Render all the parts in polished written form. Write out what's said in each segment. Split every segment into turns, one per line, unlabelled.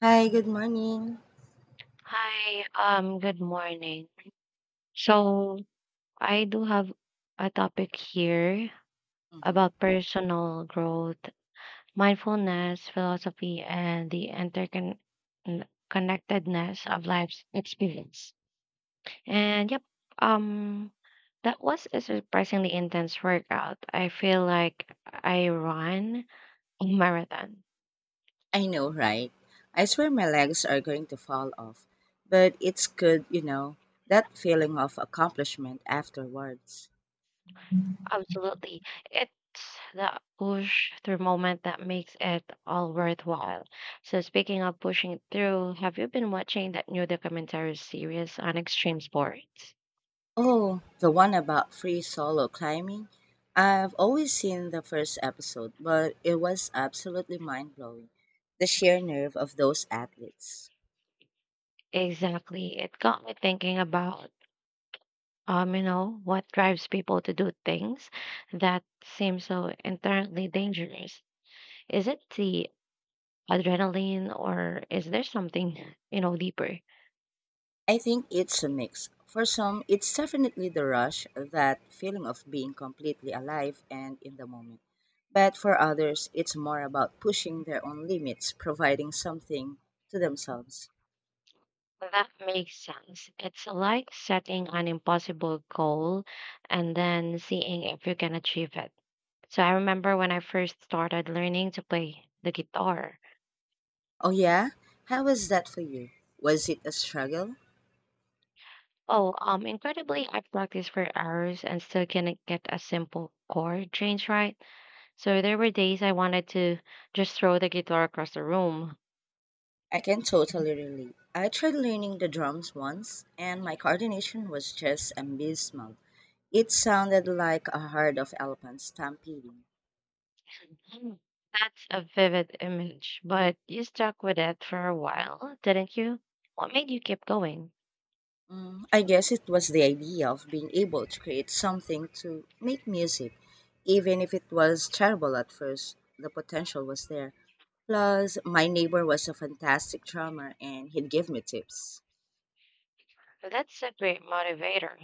Hi, good morning.
Hi, good morning. So, I do have a topic here
Hmm.
about personal growth, mindfulness, philosophy, and the interconnectedness of life's experience. And yep, um, that was a surprisingly intense workout. I feel like I ran a marathon.
I know, right? I swear my legs are going to fall off, but it's good, you know, that feeling of accomplishment afterwards.
Absolutely. It's that push through moment that makes it all worthwhile. So, speaking of pushing through, have you been watching that new documentary series on extreme sports?
Oh, the one about free solo climbing? I've always seen the first episode, but it was absolutely mind blowing. The sheer nerve of those athletes.
Exactly. It got me thinking about, what drives people to do things that seem so inherently dangerous. Is it the adrenaline or is there something, deeper?
I think it's a mix. For some, it's definitely the rush, that feeling of being completely alive and in the moment. But for others, it's more about pushing their own limits, providing something to themselves.
Well, that makes sense. It's like setting an impossible goal and then seeing if you can achieve it. So I remember when I first started learning to play the guitar.
Oh, yeah? How was that for you? Was it a struggle?
Oh, incredibly, I practiced for hours and still couldn't get a simple chord change right. So there were days I wanted to just throw the guitar across the room.
I can totally relate. I tried learning the drums once, and my coordination was just abysmal. It sounded like a herd of elephants stampeding.
Mm, that's a vivid image, but you stuck with it for a while, didn't you? What made you keep going?
I guess it was the idea of being able to create something to make music, even if it was terrible at first. The potential was there. Plus, my neighbor was a fantastic drummer and he'd give me tips.
That's a great motivator.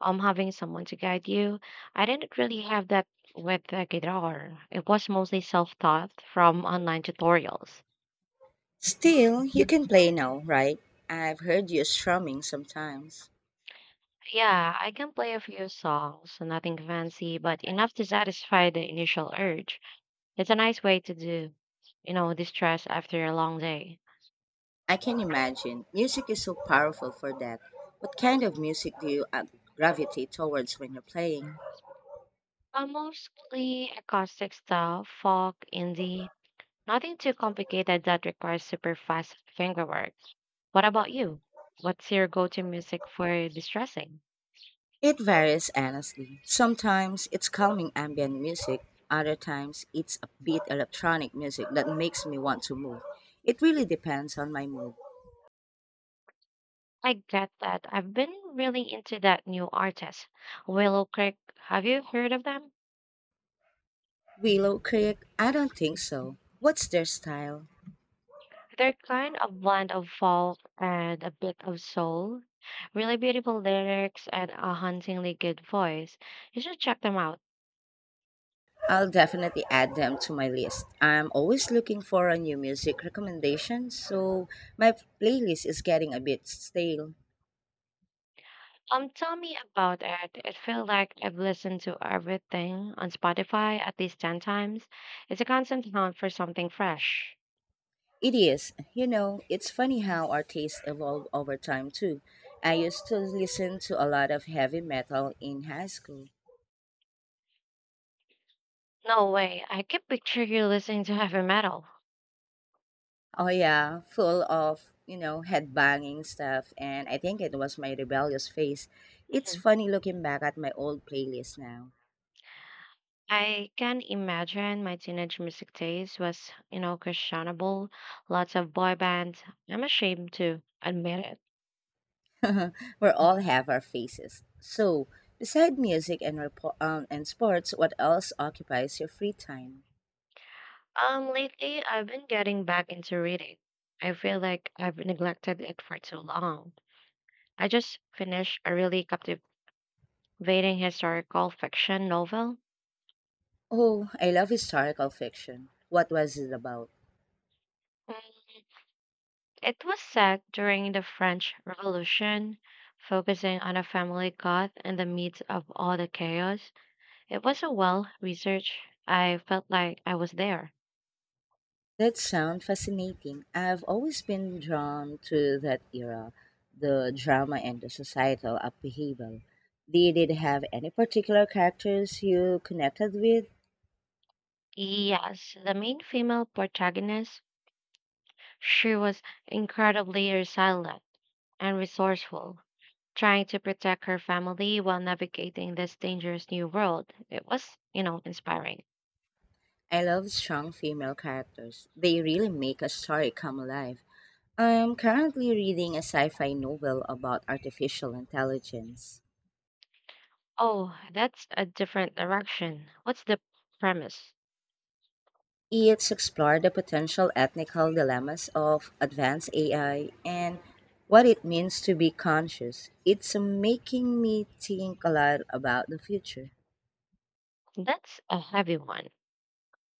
Having someone to guide you. I didn't really have that with the guitar. It was mostly self-taught from online tutorials.
Still, you can play now, right? I've heard you strumming sometimes.
Yeah, I can play a few songs, nothing fancy, but enough to satisfy the initial urge. It's a nice way to do, distress after a long day.
I can imagine. Music is so powerful for that. What kind of music do you gravitate towards when you're playing?
Mostly acoustic stuff, folk, indie, nothing too complicated that requires super fast fingerwork. What about you? What's your go to music for distressing?
It varies honestly. Sometimes it's calming ambient music, other times it's upbeat electronic music that makes me want to move. It really depends on my mood.
I get that. I've been really into that new artist, Willow Creek. Have you heard of them?
Willow Creek? I don't think so. What's their style?
They're kind of blend of folk and a bit of soul. Really beautiful lyrics and a hauntingly good voice. You should check them out.
I'll definitely add them to my list. I'm always looking for a new music recommendation, so my playlist is getting a bit stale.
Tell me about it. It feels like I've listened to everything on Spotify at least 10 times. It's a constant hunt for something fresh.
It is. You know, it's funny how our tastes evolve over time too. I used to listen to a lot of heavy metal in high school.
No way. I can picture you listening to heavy metal.
Oh yeah, full of, you know, headbanging stuff, and I think it was my rebellious phase. It's
Mhm.
funny looking back at my old playlist now.
I can imagine my teenage music taste was, questionable. Lots of boy bands. I'm ashamed to admit it.
We all have our faces. So, beside music and and sports, what else occupies your free time?
Lately I've been getting back into reading. I feel like I've neglected it for too long. I just finished a really captivating historical fiction novel.
Oh, I love historical fiction. What was it about?
It was set during the French Revolution, focusing on a family caught in the midst of all the chaos. It was a well researched. I felt like I was there.
That sounds fascinating. I've always been drawn to that era, the drama and the societal upheaval. Did it have any particular characters you connected with?
Yes, the main female protagonist, she was incredibly resilient and resourceful, trying to protect her family while navigating this dangerous new world. It was, inspiring.
I love strong female characters. They really make a story come alive. I'm currently reading a sci fi novel about artificial intelligence.
Oh, that's a different direction. What's the premise?
It's explored the potential ethical dilemmas of advanced AI and what it means to be conscious. It's making me think a lot about the future.
That's a heavy one.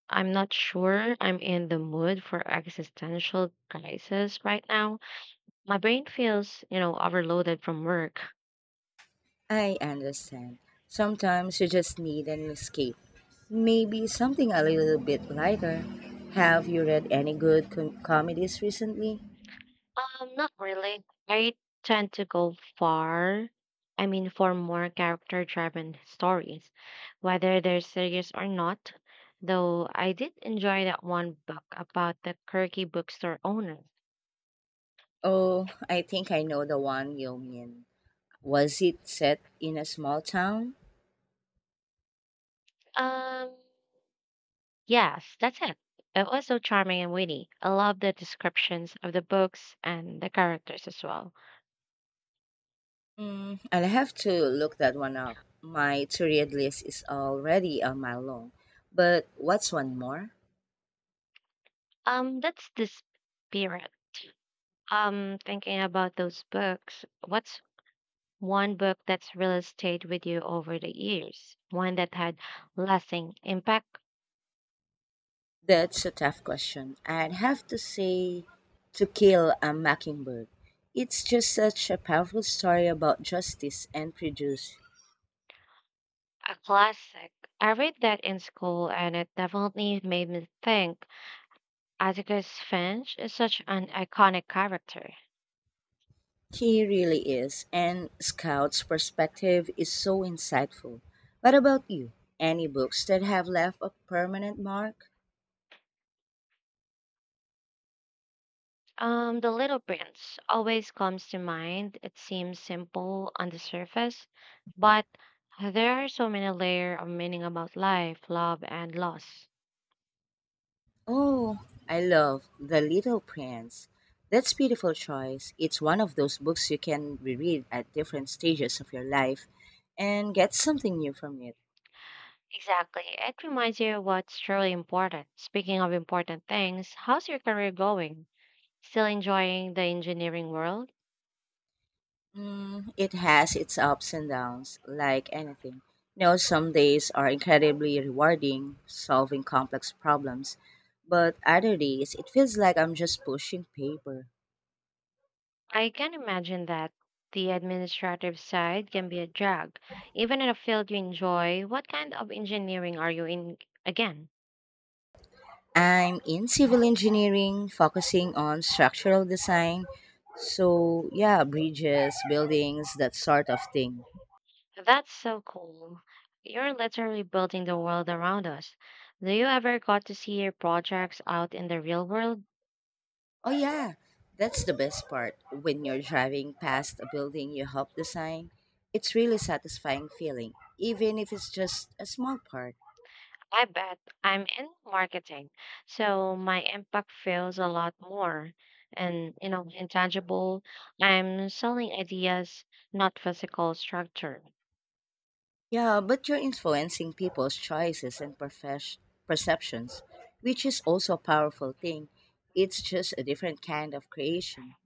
I'm not sure I'm in the mood for existential crisis right now. My brain feels, overloaded from work.
I understand. Sometimes you just need an escape. Maybe something a little bit lighter. Have you read any good comedies recently?
Not really. I tend to go far. I mean, for more character-driven stories, whether they're serious or not. Though I did enjoy that one book about the quirky bookstore owner.
Oh, I think I know the one you mean. Was it set in a small town?
Um, Yes, that's it. It was so charming and witty. I love the descriptions of the books and the characters as well.
Mm, I'll have to look that one up. My to-read list is already a mile long. But what's one more?
That's the spirit. Thinking about those books, what's one book that's really stayed with you over the years? One that had lasting impact,
That's a tough question. I'd have to say To Kill a Mockingbird. It's just such a powerful story about justice and prejudice.
a classic. I read that in school and it definitely made me think. Atticus Finch is such an iconic character.
He really is, and Scout's perspective is so insightful. What about you? Any books that have left a permanent mark?
The Little Prince always comes to mind. It seems simple on the surface, but there are so many layers of meaning about life, love, and loss.
Oh, I love The Little Prince. That's a beautiful choice. It's one of those books you can reread at different stages of your life and get something new from it.
Exactly. It reminds you of what's truly important. Speaking of important things, how's your career going? Still enjoying the engineering world?
Mm, it has its ups and downs, like anything. You know, some days are incredibly rewarding, solving complex problems, but other days it feels like I'm just pushing paper.
I can imagine that the administrative side can be a drag. Even in a field you enjoy, what kind of engineering are you in again?
I'm in civil engineering, focusing on structural design. So, yeah, bridges, buildings, that sort of thing.
That's so cool. You're literally building the world around us. Do you ever got to see your projects out in the real world?
Oh, yeah, that's the best part. When you're driving past a building you helped design, it's really satisfying feeling, even if it's just a small part.
I bet I'm in marketing, so my impact feels a lot more and intangible. I'm selling ideas, not physical structure.
Yeah, but you're influencing people's choices and perceptions, which is also a powerful thing. It's just a different kind of creation.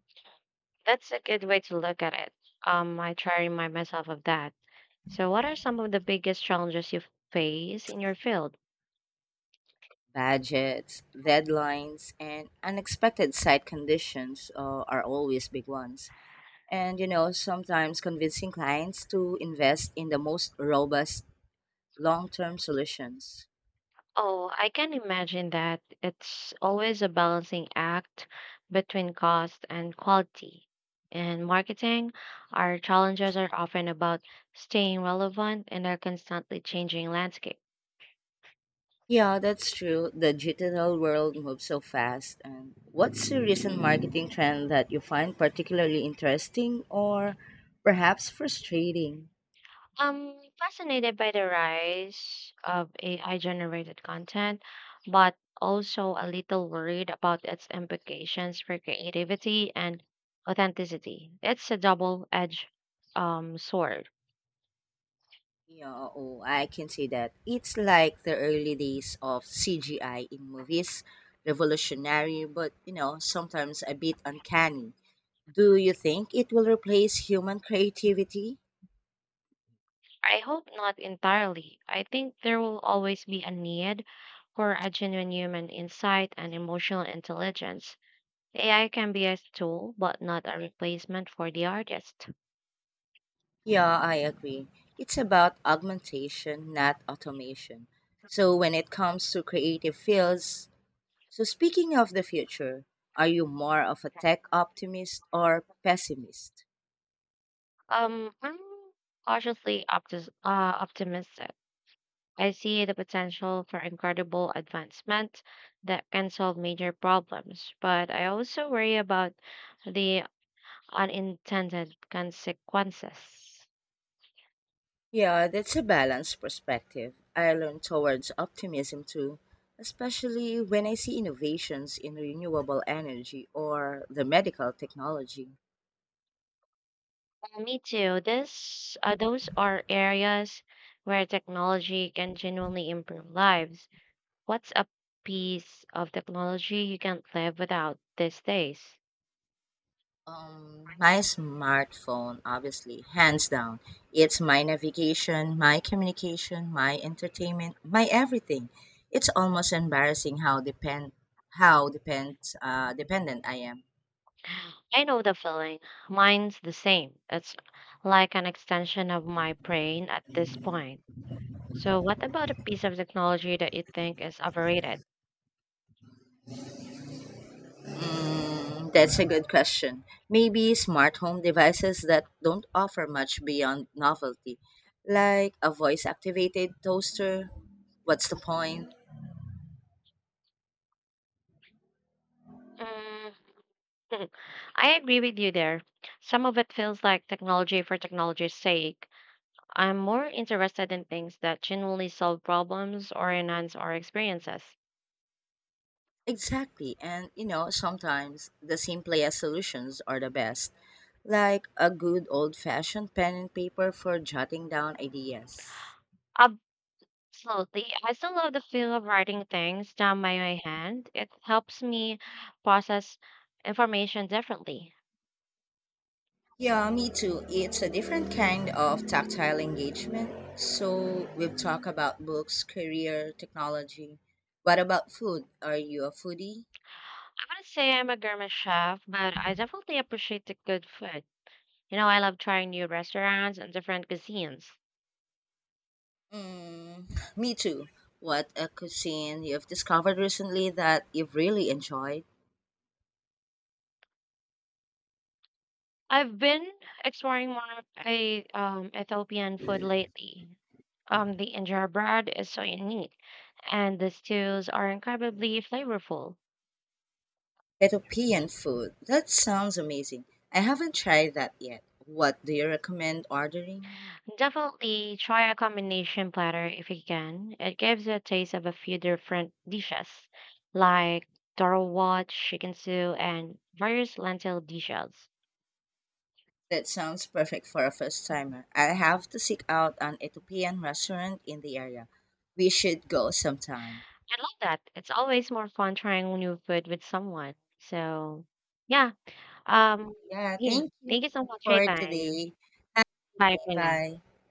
That's a good way to look at it. I try to remind myself of that. So, what are some of the biggest challenges you face in your field?
Budgets, deadlines, and unexpected site conditions are always big ones. And you know, sometimes convincing clients to invest in the most robust long term solutions.
Oh, I can imagine that. It's always a balancing act between cost and quality. In marketing, our challenges are often about staying relevant in a constantly changing landscape.
Yeah, that's true. The digital world moves so fast. And what's a recent marketing trend that you find particularly interesting or perhaps frustrating?
I'm fascinated by the rise of AI generated content, but also a little worried about its implications for creativity and authenticity. It's a double edged sword.
Yeah, oh, I can say that. It's like the early days of CGI in movies, revolutionary, but you know, sometimes a bit uncanny. Do you think it will replace human creativity?
I hope not entirely. I think there will always be a need for a genuine human insight and emotional intelligence. AI can be a tool, but not a replacement for the artist.
Yeah, I agree. It's about augmentation, not automation. So when it comes to creative fields, so speaking of the future, are you more of a tech optimist or pessimist?
I'm cautiously optimistic. I see the potential for incredible advancement that can solve major problems, but I also worry about the unintended consequences.
Yeah, that's a balanced perspective. I lean towards optimism too, especially when I see innovations in renewable energy or the medical technology.
Me too. Those are areas where technology can genuinely improve lives. What's a piece of technology you can't live without these days?
My smartphone, obviously, hands down. It's my navigation, my communication, my entertainment, my everything. It's almost embarrassing how how depend dependent I am.
I know the feeling. Mine's the same. It's like an extension of my brain at this point. So, what about a piece of technology that you think is overrated?
Mm, that's a good question. Maybe smart home devices that don't offer much beyond novelty, like a voice activated toaster. What's the point?
Mm. I agree with you there. Some of it feels like technology for technology's sake. I'm more interested in things that genuinely solve problems or enhance our experiences.
Exactly. And, you know, sometimes the simplest solutions are the best, like a good old fashioned pen and paper for jotting down ideas.
Absolutely. I still love the feel of writing things down by my hand. It helps me process information differently.
Yeah, me too. It's a different kind of tactile engagement. So we've talked about books, career, technology. What about food? Are you a foodie?
I wouldn't say I'm a gourmet chef, but I definitely appreciate the good food. You know, I love trying new restaurants and different cuisines.
Mm, me too. What a cuisine you've discovered recently that you've really enjoyed?
I've been exploring more of a Ethiopian food lately. The injera bread is so unique, and the stews are incredibly flavorful.
Ethiopian food. That sounds amazing. I haven't tried that yet. What do you recommend ordering?
Definitely try a combination platter if you can. It gives you a taste of a few different dishes, like darwat, chicken stew, and various lentil dishes.
That sounds perfect for a first timer. I have to seek out an Ethiopian restaurant in the area. We should go sometime.
I love that. It's always more fun trying new food with someone. So, yeah. Um,
Yeah,
yeah.
thank you
Thank you so much for your
for
time.
today.
Bye for now.
Bye.